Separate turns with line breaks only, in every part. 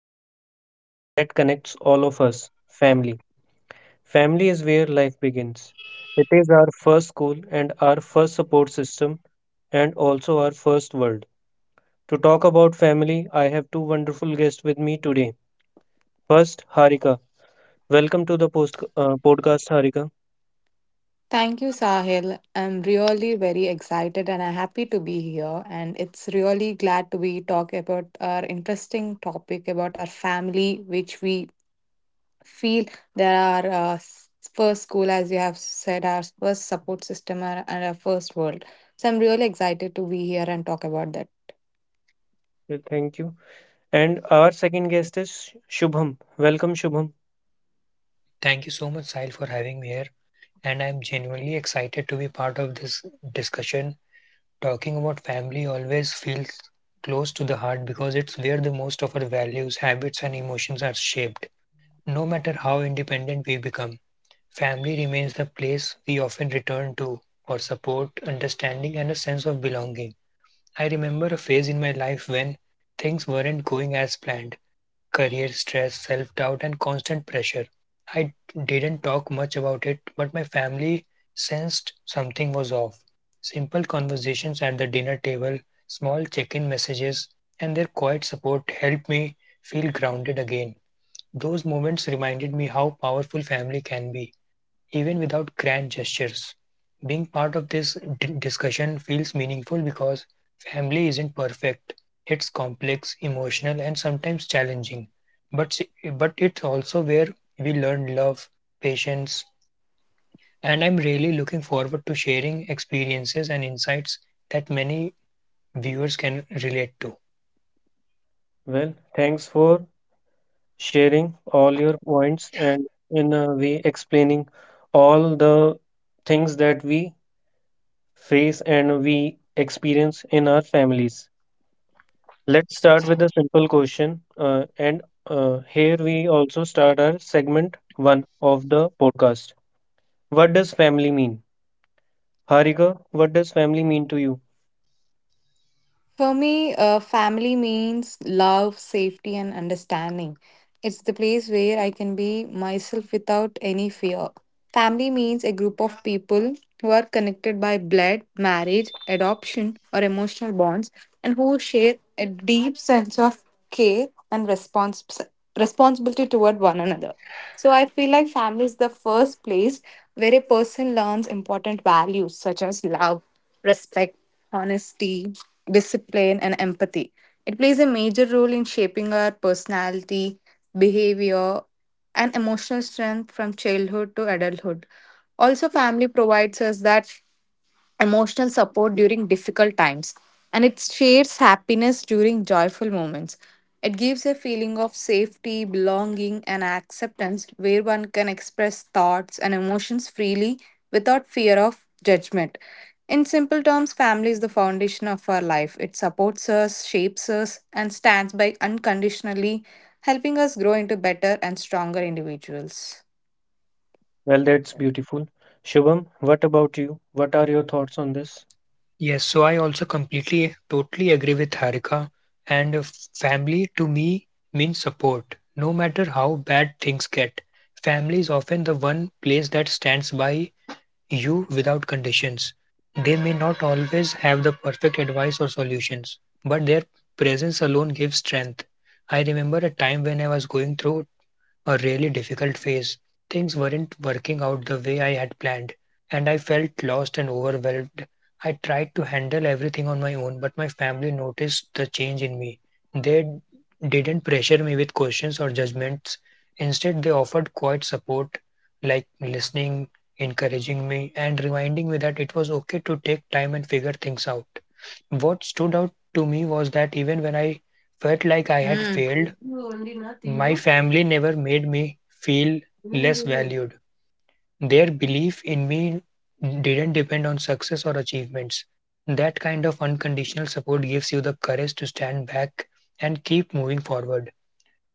topic that connects all of us, family. Family is where life begins. It is our first school and our first support system, and also our first world. To talk about family, I have two wonderful guests with me today. First, Harika. Welcome to the podcast, Harika.
Thank you, Sahil. I'm really very excited and I'm happy to be here. And it's really glad to be talk about our interesting topic about our family, which we feel there are uh, s- first school, as you have said, our first support system and our first world. So I'm really excited to be here and talk about that.
Well, thank you. And our second guest is Shubham. Welcome, Shubham.
Thank you so much, Sahil, for having me here. And I'm genuinely excited to be part of this discussion. Talking about family always feels close to the heart because it's where the most of our values, habits, and emotions are shaped. No matter how independent we become, family remains the place we often return to for support, understanding, and a sense of belonging. I remember a phase in my life when things weren't going as planned career stress, self doubt, and constant pressure. I didn't talk much about it, but my family sensed something was off. Simple conversations at the dinner table, small check in messages, and their quiet support helped me feel grounded again. Those moments reminded me how powerful family can be even without grand gestures. Being part of this discussion feels meaningful because family isn't perfect. It's complex, emotional, and sometimes challenging. But it's also where we learn love, patience, and I'm really looking forward to sharing experiences and insights that many viewers can relate to.
Well, thanks for sharing all your points and in a way explaining all the things that we face and we experience in our families. Let's start with a simple question. And Here we also start our segment one of the podcast. What does family mean? Harika, what does family mean to you?
For me, family means love, safety, and understanding. It's the place where I can be myself without any fear. Family means a group of people who are connected by blood, marriage, adoption, or emotional bonds, and who share a deep sense of care and responsibility toward one another. So I feel like family is the first place where a person learns important values such as love, respect, honesty, discipline, and empathy. It plays a major role in shaping our personality, behavior, and emotional strength from childhood to adulthood. Also, family provides us that emotional support during difficult times, and it shares happiness during joyful moments. It gives a feeling of safety, belonging, and acceptance where one can express thoughts and emotions freely without fear of judgment. In simple terms, family is the foundation of our life. It supports us, shapes us, and stands by unconditionally, helping us grow into better and stronger individuals.
Well, that's beautiful. Shubham, what about you? What are your thoughts on this?
Yes, so I also completely, totally agree with Harika. And family to me means support. No matter how bad things get, family is often the one place that stands by you without conditions. They may not always have the perfect advice or solutions, but their presence alone gives strength. I remember a time when I was going through a really difficult phase. Things weren't working out the way I had planned, and I felt lost and overwhelmed. I tried to handle everything on my own, but my family noticed the change in me. They didn't pressure me with questions or judgments. Instead, they offered quiet support, like listening, encouraging me, and reminding me that it was okay to take time and figure things out. What stood out to me was that even when I felt like I had
Mm.
failed, my family never made me feel less valued. Their belief in me didn't depend on success or achievements. That kind of unconditional support gives you the courage to stand back and keep moving forward.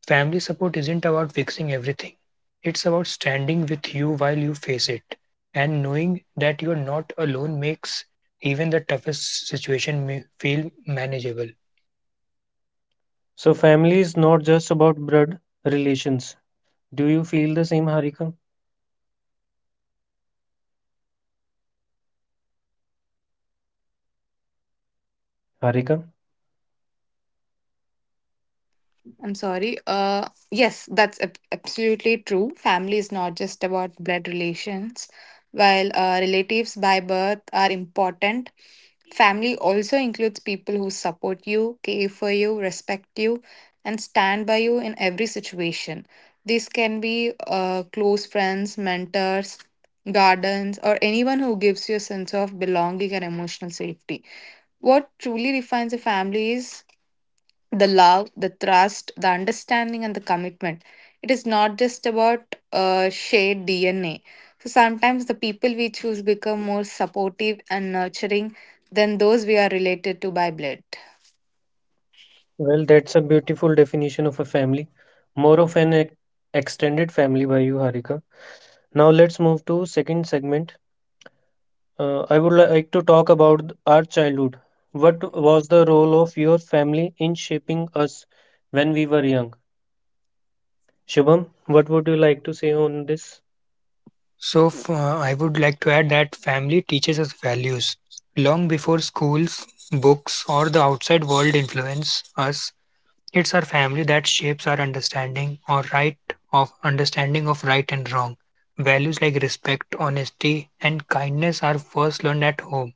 Family support isn't about fixing everything, it's about standing with you while you face it. And knowing that you're not alone makes even the toughest situation feel manageable.
So, family is not just about blood relations. Do you feel the same, Harika? Harika?
I'm sorry. Yes, that's absolutely true. Family is not just about blood relations. While relatives by birth are important, family also includes people who support you, care for you, respect you, and stand by you in every situation. This can be close friends, mentors, guardians, or anyone who gives you a sense of belonging and emotional safety. What truly defines a family is the love, the trust, the understanding, and the commitment. It is not just about shared DNA. So sometimes the people we choose become more supportive and nurturing than those we are related to by blood.
Well, that's a beautiful definition of a family. More of an extended family by you, Harika. Now let's move to second segment. I would like to talk about our childhood. What was the role of your family in shaping us when we were young? Shubham, what would you like to say on this?
So, I would like to add that family teaches us values long before schools, books, or the outside world influence us. It's our family that shapes our understanding of right and wrong. Values like respect, honesty, and kindness are first learned at home,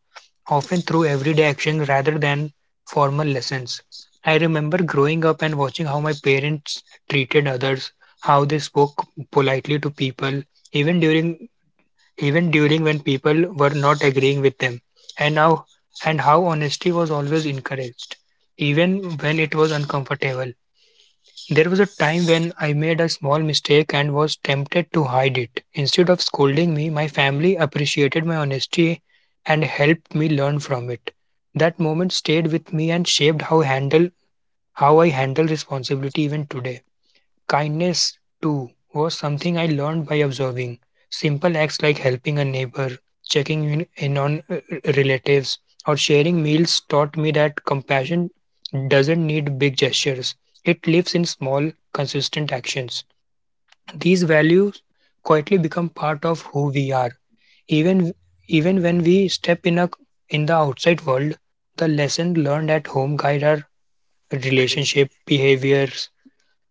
often through everyday actions rather than formal lessons. I remember growing up and watching how my parents treated others, how they spoke politely to people, even during even during when people were not agreeing with them, and how, and how honesty was always encouraged, even when it was uncomfortable. There was a time when I made a small mistake and was tempted to hide it. Instead of scolding me, my family appreciated my honesty and helped me learn from it. That moment stayed with me and shaped how I handle responsibility even today. Kindness, too, was something I learned by observing. Simple acts like helping a neighbor, checking in on relatives, or sharing meals taught me that compassion doesn't need big gestures. It lives in small, consistent actions. These values quietly become part of who we are. Even even when we step in the outside world, the lessons learned at home guide our relationship, behaviors,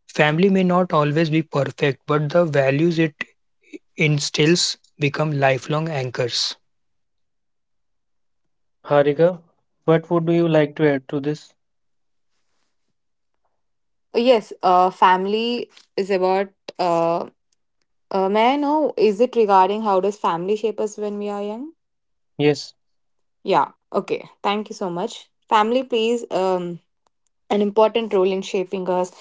Family may not always be perfect, but the values it instills become lifelong anchors.
Harika, what would you like to add to this?
Yes, family is about. Uh, may I know, is it regarding how does family shape us when we are young?
Yes,
Yeah, okay. Thank you so much. Family, please. An important role in shaping us,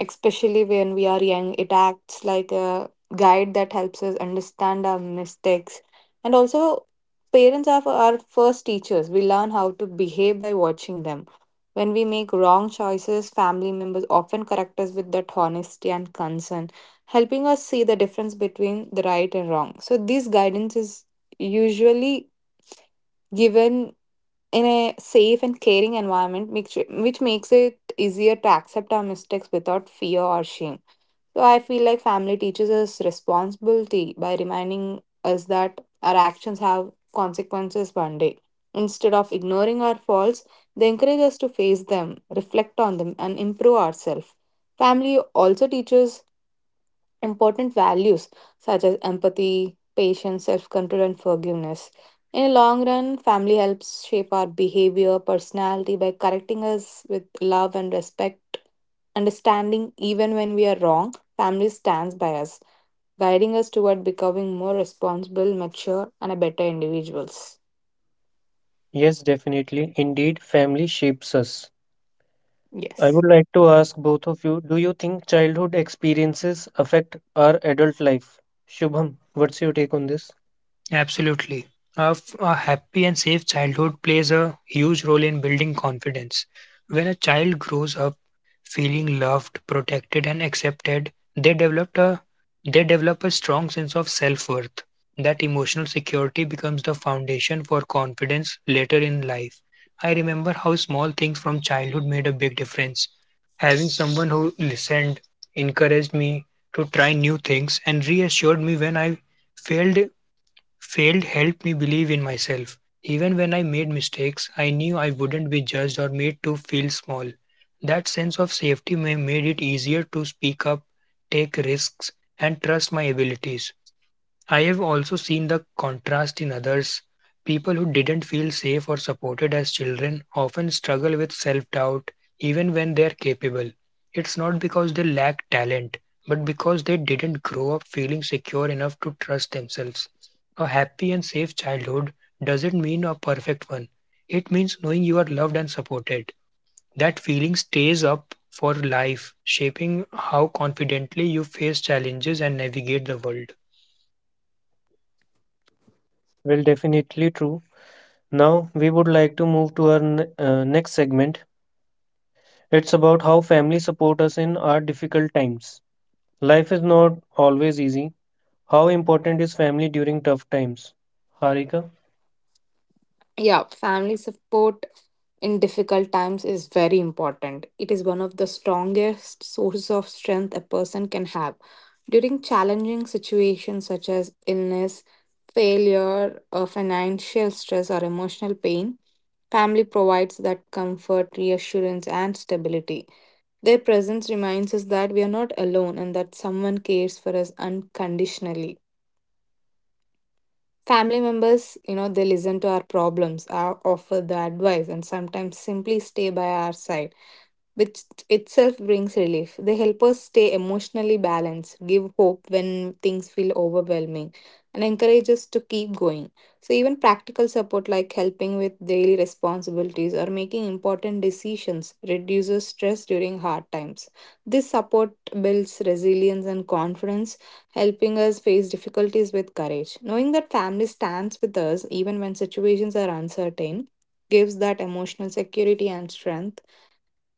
especially when we are young. It acts like a guide that helps us understand our mistakes. And also, parents are our first teachers. We learn how to behave by watching them. When we make wrong choices, family members often correct us with that honesty and concern, helping us see the difference between the right and wrong. So, this guidance is usually given in a safe and caring environment, which makes it easier to accept our mistakes without fear or shame. So I feel like family teaches us responsibility by reminding us that our actions have consequences one day. Instead of ignoring our faults, they encourage us to face them, reflect on them, and improve ourselves. Family also teaches important values such as empathy, patience, self control, and forgiveness. In the long run, family helps shape our behavior, personality by correcting us with love and respect, understanding even when we are wrong. Family stands by us, guiding us toward becoming more responsible, mature, and a better individuals.
yes, definitely. Indeed, family shapes us. I
Yes.
would like to ask both of you, do you think childhood experiences affect our adult life? Shubham, what's your take on this?
Absolutely. A happy and safe childhood plays a huge role in building confidence. When a child grows up feeling loved, protected, and accepted, they develop a they develop a strong sense of self-worth. That emotional security becomes the foundation for confidence later in life. I remember how small things from childhood made a big difference. Having someone who listened, encouraged me to try new things, and reassured me when I failed Failed helped me believe in myself. Even when I made mistakes, I knew I wouldn't be judged or made to feel small. That sense of safety made it easier to speak up, take risks, and trust my abilities. I have also seen the contrast in others. People who didn't feel safe or supported as children often struggle with self doubt even when they are capable. It's not because they lack talent, but because they didn't grow up feeling secure enough to trust themselves. A happy and safe childhood doesn't mean a perfect one, it means knowing you are loved and supported. That feeling stays up for life, shaping how confidently you face challenges and navigate the world.
Well, definitely true. Now, we would like to move to our next segment. It's about how family support us in our difficult times. Life is not always easy. How important is family during tough times? Harika,
Yeah, family support in difficult times is very important. It is one of the strongest sources of strength a person can have. During challenging situations such as illness, failure, or financial stress, or emotional pain, family provides that comfort, reassurance, and stability. Their presence reminds us that we are not alone and that someone cares for us unconditionally. Family members, you know, they listen to our problems, our offer the advice, and sometimes simply stay by our side, which itself brings relief. They help us stay emotionally balanced, give hope when things feel overwhelming, and encourage us to keep going. So, even practical support like helping with daily responsibilities or making important decisions reduces stress during hard times. This support builds resilience and confidence helping us face difficulties with courage. Knowing that family stands with us even when situations are uncertain gives that emotional security and strength.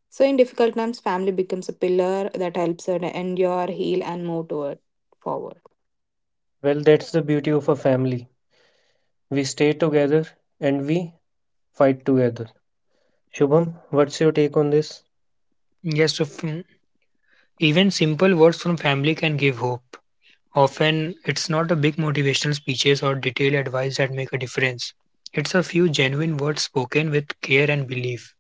So, in difficult times, family becomes a pillar that helps us endure, heal, and move toward forward.
well, that's the beauty of a family. We stay together and we fight together. Shubham, what's your take on this?
Yes, so even simple words from family can give hope. Often, it's not a big motivational speeches or detailed advice that make a difference. It's a few genuine words spoken with care and belief.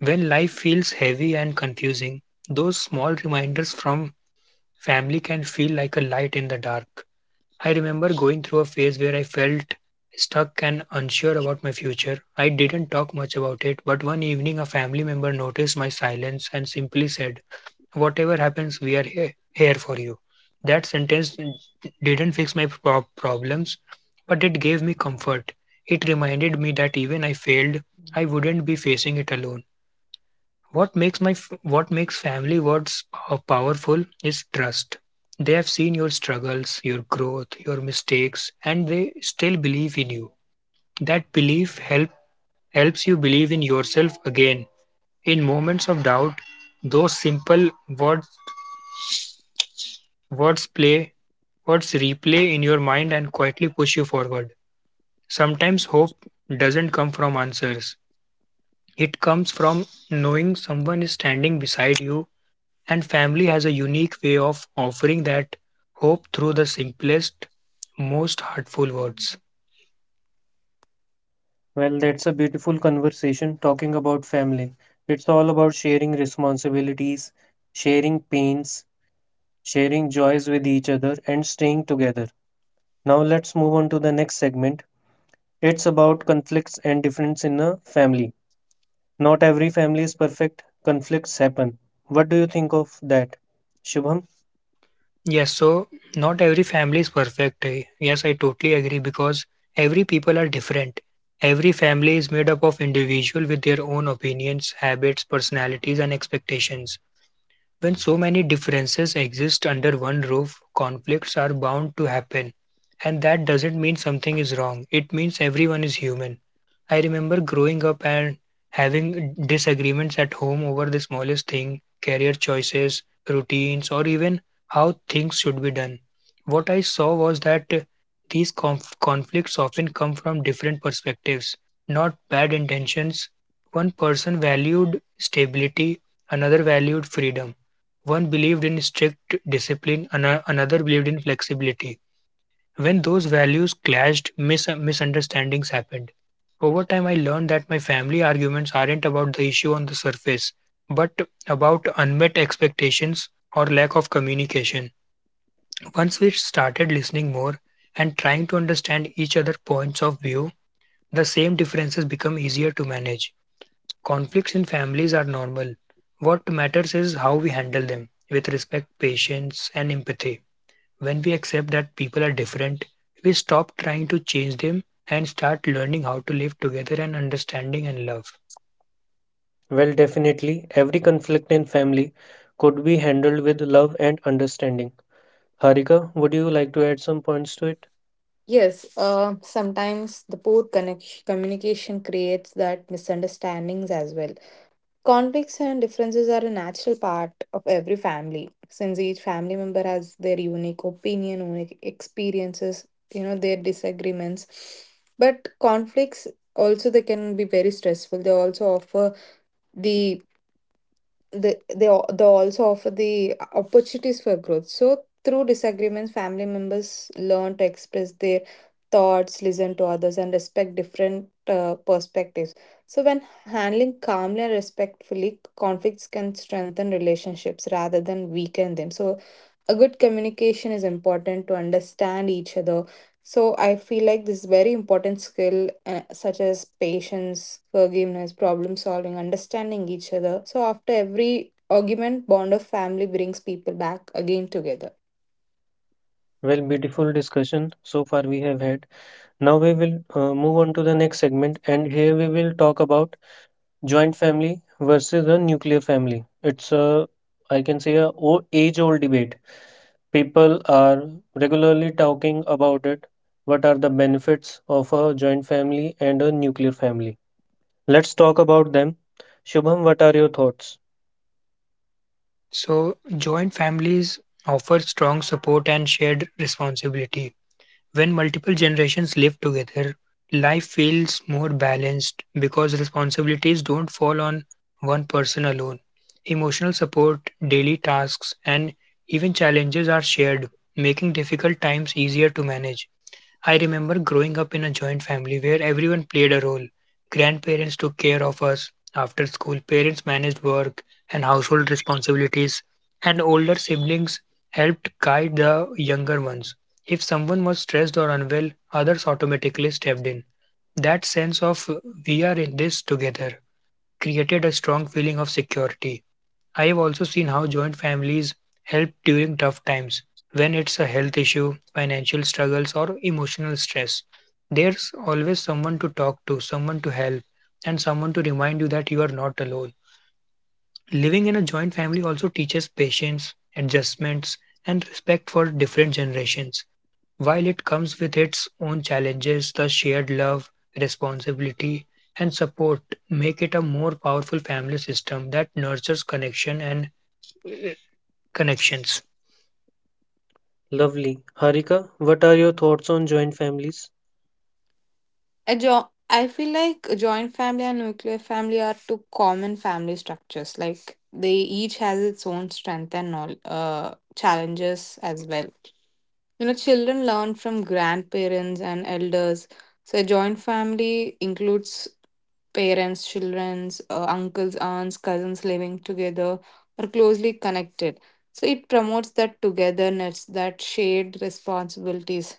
When life feels heavy and confusing, those small reminders from family can feel like a light in the dark. I remember going through a phase where I felt stuck and unsure about my future. I didn't talk much about it, but one evening a family member noticed my silence and simply said, whatever happens we are here, here for you that sentence didn't fix my problems but it gave me comfort it reminded me that even I failed I wouldn't be facing it alone what makes family words powerful is trust they have seen your struggles your growth your mistakes and they still believe in you that belief help helps you believe in yourself again in moments of doubt those simple words Words play, words replay in your mind and quietly push you forward. Sometimes hope doesn't come from answers. It comes from knowing someone is standing beside you, and family has a unique way of offering that hope through the simplest, most heartful words.
Well, that's a beautiful conversation talking about family. It's all about sharing responsibilities, sharing pains, sharing joys with each other, and staying together. Now, let's move on to the next segment. It's about conflicts and difference in a family. Not every family is perfect, conflicts happen. What do you think of that, Shubham?
Yes, so not every family is perfect. Eh? Yes, I totally agree because every people are different. Every family is made up of individual with their own opinions, habits, personalities and expectations. When so many differences exist under one roof, conflicts are bound to happen. And that doesn't mean something is wrong, it means everyone is human. I remember growing up and having disagreements at home over the smallest thing career choices, routines, or even how things should be done. What I saw was that these conflicts often come from different perspectives, not bad intentions. One person valued stability, another valued freedom one believed in strict discipline, another believed in flexibility. When those values clashed, misunderstandings happened. Over time, I learned that my family arguments aren't about the issue on the surface, but about unmet expectations or lack of communication. Once we started listening more and trying to understand each other's points of view, the same differences become easier to manage. Conflicts in families are normal. What matters is how we handle them with respect, patience, and empathy. When we accept that people are different, we stop trying to change them and start learning how to live together and understanding and love.
Well, definitely, every conflict in family could be handled with love and understanding. Harika, would you like to add some points to it?
Yes, sometimes the poor communication creates that misunderstandings as well. Conflicts and differences are a natural part of every family since each family member has their unique opinion, unique experiences, you know, their disagreements. But conflicts also they can be very stressful. The they also offer the opportunities for growth. So through disagreements family members learn to express their thoughts, listen to others and respect different perspectives. So when handling calmly and respectfully conflicts can strengthen relationships rather than weaken them. So a good communication is important to understand each other. So I feel like this very important skill, such as patience, forgiveness, problem solving, understanding each other. So after every argument, bond of family brings people back again together.
Well, beautiful discussion so far we have had. Now we will move on to the next segment, and here we will talk about joint family versus a nuclear family. It's a, I can say, a age-old debate. People are regularly talking about it. What are the benefits of a joint family and a nuclear family? Let's talk about them. Shubham, what are your thoughts?
So, joint families offer strong support and shared responsibility. When multiple generations live together, life feels more balanced because responsibilities don't fall on one person alone. Emotional support, daily tasks, and even challenges are shared, making difficult times easier to manage. I remember growing up in a joint family where everyone played a role. Grandparents took care of us after school, parents managed work and household responsibilities, and older siblings helped guide the younger ones. If someone was stressed or unwell, others automatically stepped in. That sense of we are in this together created a strong feeling of security. I have also seen how joint families help during tough times when it's a health issue, financial struggles, or emotional stress. There's always someone to talk to, someone to help, and someone to remind you that you are not alone. Living in a joint family also teaches patience, adjustments, and respect for different generations. While it comes with its own challenges, the shared love, responsibility, and support make it a more powerful family system that nurtures connection and connections.
Lovely. Harika, what are your thoughts on joint families?
I feel like a joint family and nuclear family are two common family structures. Like they each has its own strength and all challenges as well. You know, children learn from grandparents and elders. So, a joint family includes parents, children's, uncles, aunts, cousins living together or closely connected. So, it promotes that togetherness, that shared responsibilities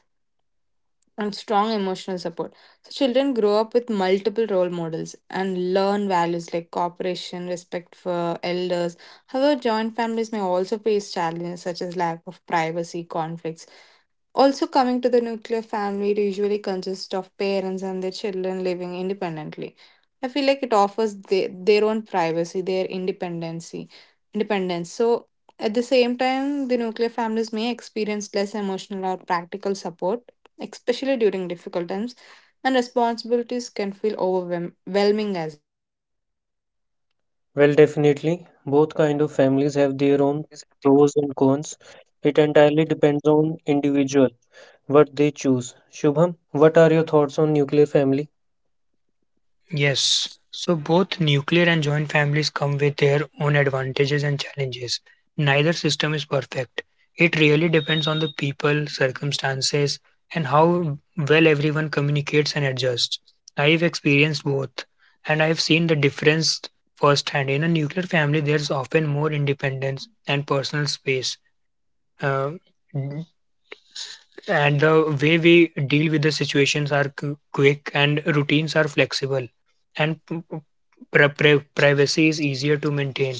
and strong emotional support. So children grow up with multiple role models and learn values like cooperation, respect for elders. However, joint families may also face challenges such as lack of privacy, conflicts. Also, coming to the nuclear family, it usually consists of parents and their children living independently. I feel like it offers their own privacy, independence. So, at the same time, the nuclear families may experience less emotional or practical support especially during difficult times, and responsibilities can feel overwhelming as.
Well, definitely, both kind of families have their own pros and cons. It entirely depends on individual what they choose. Shubham, what are your thoughts on nuclear family?
Yes. So both nuclear and joint families come with their own advantages and challenges. Neither system is perfect. It really depends on the people, circumstances, and how well everyone communicates and adjusts. I've experienced both, and I've seen the difference firsthand. In a nuclear family, there's often more independence and personal space. Uh, And the way we deal with the situations are quick and routines are flexible. And privacy is easier to maintain.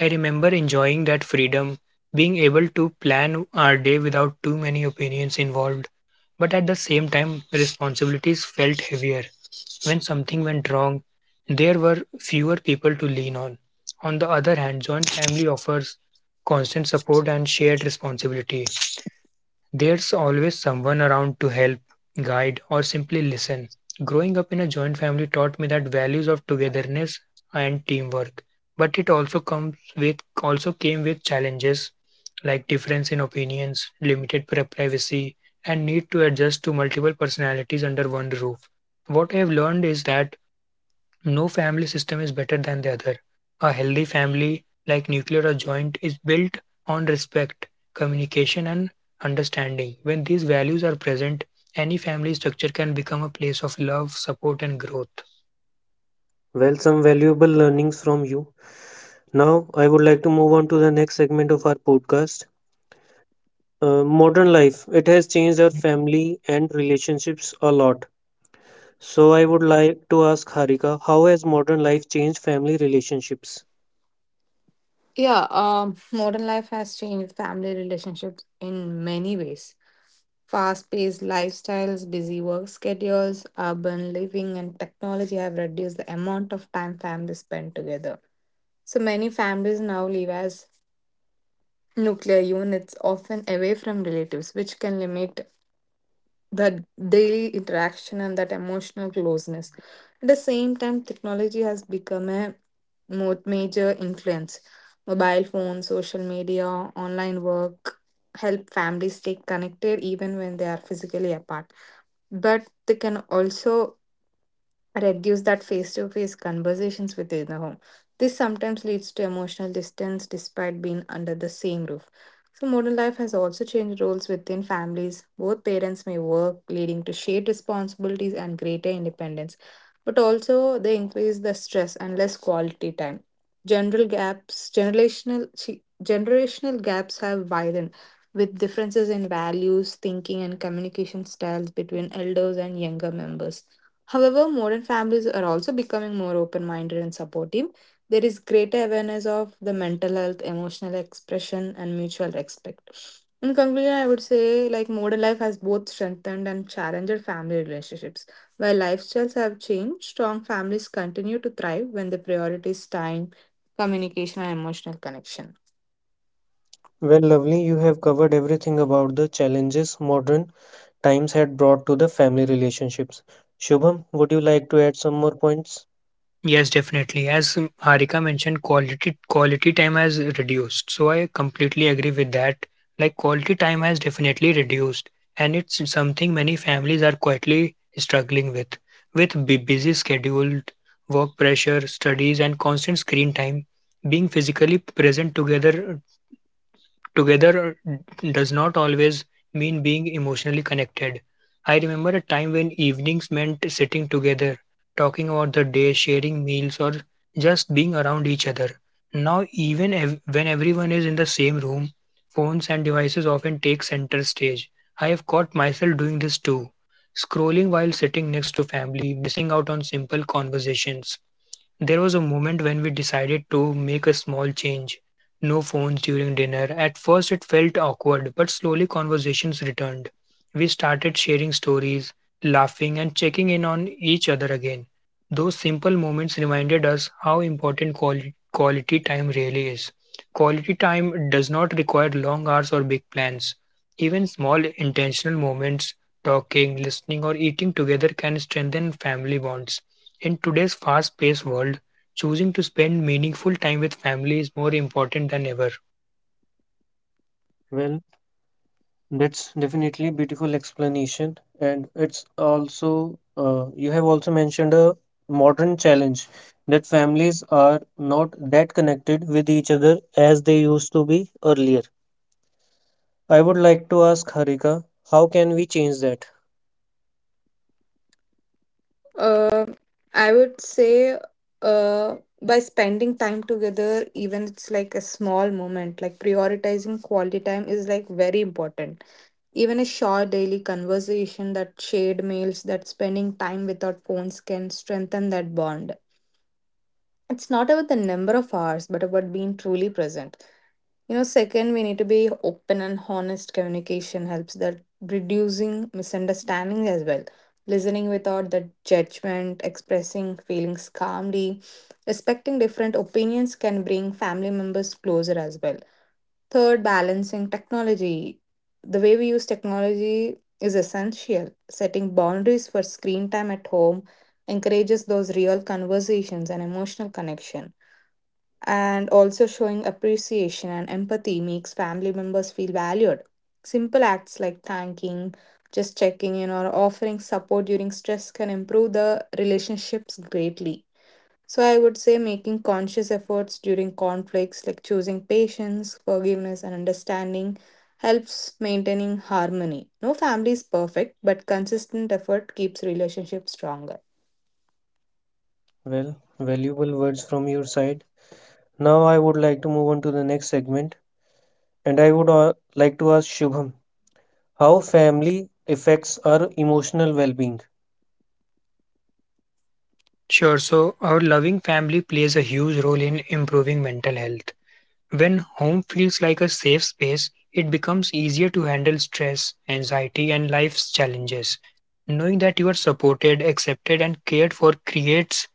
I remember enjoying that freedom, being able to plan our day without too many opinions involved. But at the same time, responsibilities felt heavier. When something went wrong, there were fewer people to lean on. On the other hand, joint family offers constant support and shared responsibility. There's always someone around to help, guide, or simply listen. Growing up in a joint family taught me that values of togetherness and teamwork. But it also comes with also came with challenges like difference in opinions, limited privacy, and need to adjust to multiple personalities under one roof. What I have learned is that no family system is better than the other. A healthy family, like nuclear or joint, is built on respect, communication, and understanding. When these values are present, any family structure can become a place of love, support, and growth.
Well, some valuable learnings from you. Now, I would like to move on to the next segment of our podcast. Modern life, it has changed our family and relationships a lot. So, I would like to ask Harika, how has modern life changed family relationships?
Yeah, modern life has changed family relationships in many ways. Fast paced lifestyles, busy work schedules, urban living, and technology have reduced the amount of time families spend together. So many families now live as nuclear units, often away from relatives, which can limit that daily interaction and that emotional closeness. At the same time, technology has become a major influence. Mobile phones, social media, online work help families stay connected even when they are physically apart. But they can also reduce that face-to-face conversations within the home. This sometimes leads to emotional distance despite being under the same roof. So modern life has also changed roles within families. Both parents may work, leading to shared responsibilities and greater independence. But also they increase the stress and less quality time. General gaps, generational chi- generational gaps have widened with differences in values, thinking and communication styles between elders and younger members. However, modern families are also becoming more open minded and supportive. There is greater awareness of the mental health, emotional expression, and mutual respect. In conclusion, I would say like modern life has both strengthened and challenged family relationships. While lifestyles have changed, strong families continue to thrive when the priority is time, communication, and emotional connection.
Well, lovely, you have covered everything about the challenges modern times had brought to the family relationships. Shubham, would you like to add some more points?
Yes, definitely. As Harika mentioned, quality time has reduced. So I completely agree with that. Like quality time has definitely reduced, and it's something many families are quietly struggling with. With busy scheduled work pressure, studies, and constant screen time, being physically present together does not always mean being emotionally connected. I remember a time when evenings meant sitting together, talking about the day, sharing meals, or just being around each other. Now, when everyone is in the same room, phones and devices often take center stage. I have caught myself doing this too, scrolling while sitting next to family, missing out on simple conversations. There was a moment when we decided to make a small change. No phones during dinner. At first, it felt awkward, but slowly conversations returned. We started sharing stories, laughing, and checking in on each other again. Those simple moments reminded us how important quality time really is. Quality time does not require long hours or big plans. Even small intentional moments, talking, listening, or eating together can strengthen family bonds. In today's fast paced world, choosing to spend meaningful time with family is more important than ever.
Well, that's definitely beautiful explanation, and it's also you have also mentioned a modern challenge that families are not that connected with each other as they used to be earlier. I would like to ask Harika, how can we change that?
Uh, I would say uh, by spending time together, even it's like a small moment, like prioritizing quality time is like very important. Even a short daily conversation, that shared meals, that spending time without phones can strengthen that bond. It's not about the number of hours, but about being truly present. You know, second, we need to be open and honest communication helps that reducing misunderstandings as well. Listening without the judgment, expressing feelings calmly, respecting different opinions can bring family members closer as well. Third, balancing technology. The way we use technology is essential. Setting boundaries for screen time at home encourages those real conversations and emotional connection. And also showing appreciation and empathy makes family members feel valued. Simple acts like thanking, just checking in, or offering support during stress can improve the relationships greatly. So I would say making conscious efforts during conflicts, like choosing patience, forgiveness, and understanding, helps maintaining harmony. No family is perfect, but consistent effort keeps relationships stronger.
Well, valuable words from your side. Now I would like to move on to the next segment, and I would like to ask Shubham how family affects our emotional well-being.
Sure, so our loving family plays a huge role in improving mental health. When home feels like a safe space, it becomes easier to handle stress, anxiety, and life's challenges. Knowing that you are supported, accepted, and cared for creates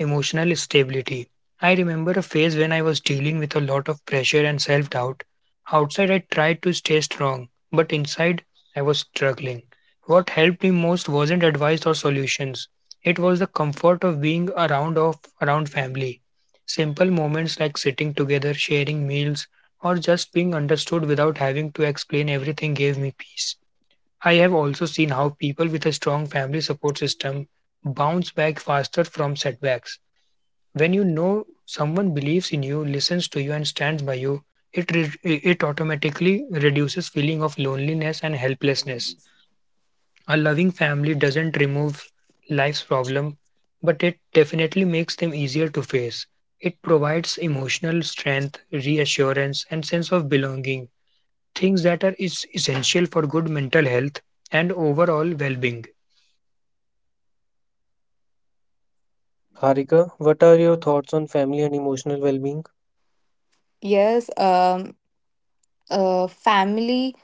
emotional stability. I remember a phase when I was dealing with a lot of pressure and self doubt. Outside, I tried to stay strong, but inside, I was struggling. What helped me most wasn't advice or solutions, it was the comfort of being around, around family. Simple moments like sitting together, sharing meals, or just being understood without having to explain everything gave me peace. I have also seen how people with a strong family support system bounce back faster from setbacks. When you know someone believes in you, listens to you, and stands by you, it automatically reduces feeling of loneliness and helplessness. A loving family doesn't remove life's problem, but it definitely makes them easier to face. It provides emotional strength, reassurance, and sense of belonging, things that are is essential for good mental health and overall well-being.
Harika, what are your thoughts on family and emotional well-being?
Yes, family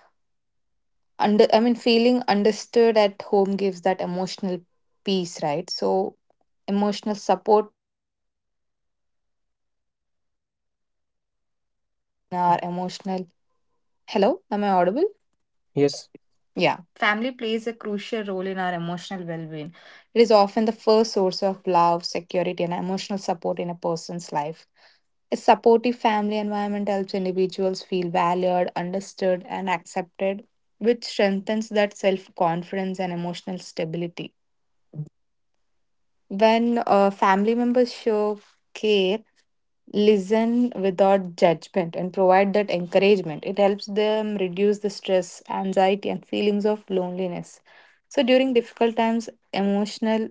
I mean, feeling understood at home gives that emotional peace, right? So, emotional support
Our emotional. Hello, am I audible?
Yes,
Yeah. Family plays a crucial role in our emotional well being. It is often the first source of love, security, and emotional support in a person's life. A supportive family environment helps individuals feel valued, understood, and accepted, which strengthens that self confidence and emotional stability. When family members show care, listen without judgment, and provide that encouragement, it helps them reduce the stress, anxiety, and feelings of loneliness. So during difficult times, emotional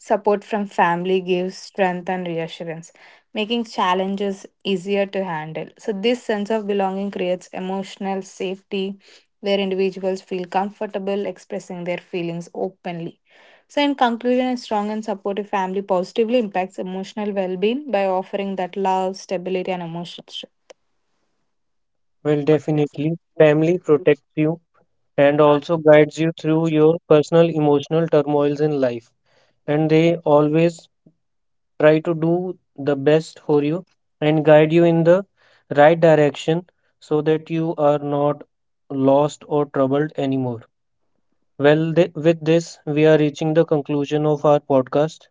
support from family gives strength and reassurance, making challenges easier to handle. So, this sense of belonging creates emotional safety where individuals feel comfortable expressing their feelings openly. So, in conclusion, a strong and supportive family positively impacts emotional well being by offering that love, stability, and emotional strength.
well, definitely. Family protects you and also guides you through your personal emotional turmoils in life, and they always try to do the best for you and guide you in the right direction so that you are not lost or troubled anymore. Well, with this, we are reaching the conclusion of our podcast.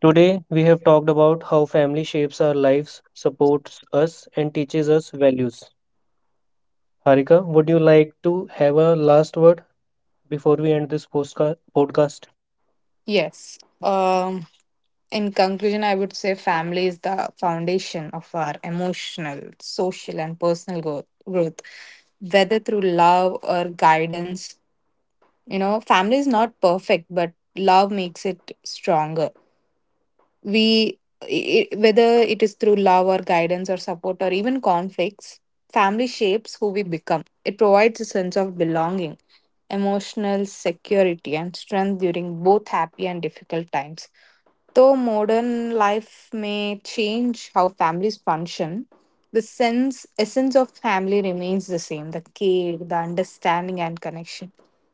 Today, we have talked about how family shapes our lives, supports us, and teaches us values. Harika, would you like to have a last word before we end this podcast?
Yes. In conclusion, I would say family is the foundation of our emotional, social, and personal growth. Whether through love or guidance, you know, family is not perfect, but love makes it stronger. We, i Whether it is through love or guidance or support or even conflicts, family shapes who we become. It provides a sense of belonging, emotional security, and strength during both happy and difficult times. Though modern life may change how families function, the sense essence of family remains the same, the care, the understanding, and connection.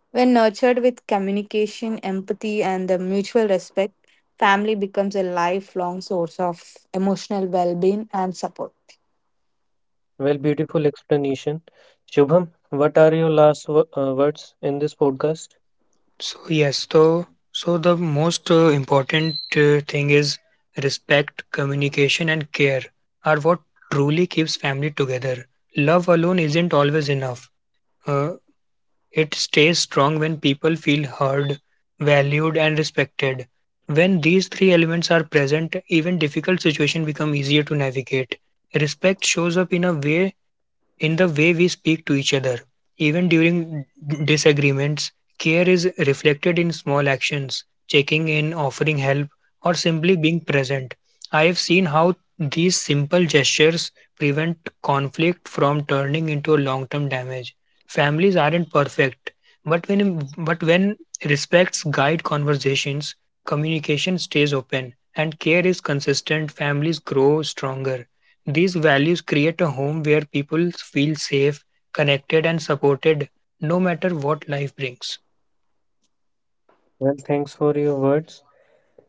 When nurtured with communication, empathy, and the mutual respect, family becomes a lifelong source of emotional well-being and support.
Well, beautiful explanation. Shubham, what are your last words in this podcast?
So yes, so the most important thing is respect, communication, and care are what truly keeps family together. Love alone isn't always enough. Uh, it stays strong when people feel heard, valued, and respected. When these three elements are present, even difficult situations become easier to navigate. Respect shows up in a way In the way we speak to each other. Even during disagreements, care is reflected in small actions, checking in, offering help, or simply being present. I have seen how these simple gestures prevent conflict from turning into a long term damage. Families aren't perfect, but when respects guide conversations, communication stays open, and care is consistent, families grow stronger. These values create a home where people feel safe, connected, and supported no matter what life brings.
Well, thanks for your words.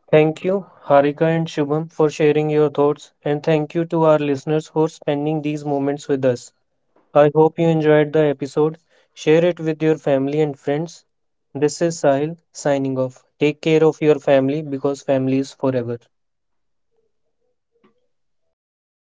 Thank you, Harika and Shubham, for sharing your thoughts, and thank you to our listeners for spending these moments with us. I hope you enjoyed the episode. Share it with your family and friends. This is Sahil signing off. Take care of your family because family is forever.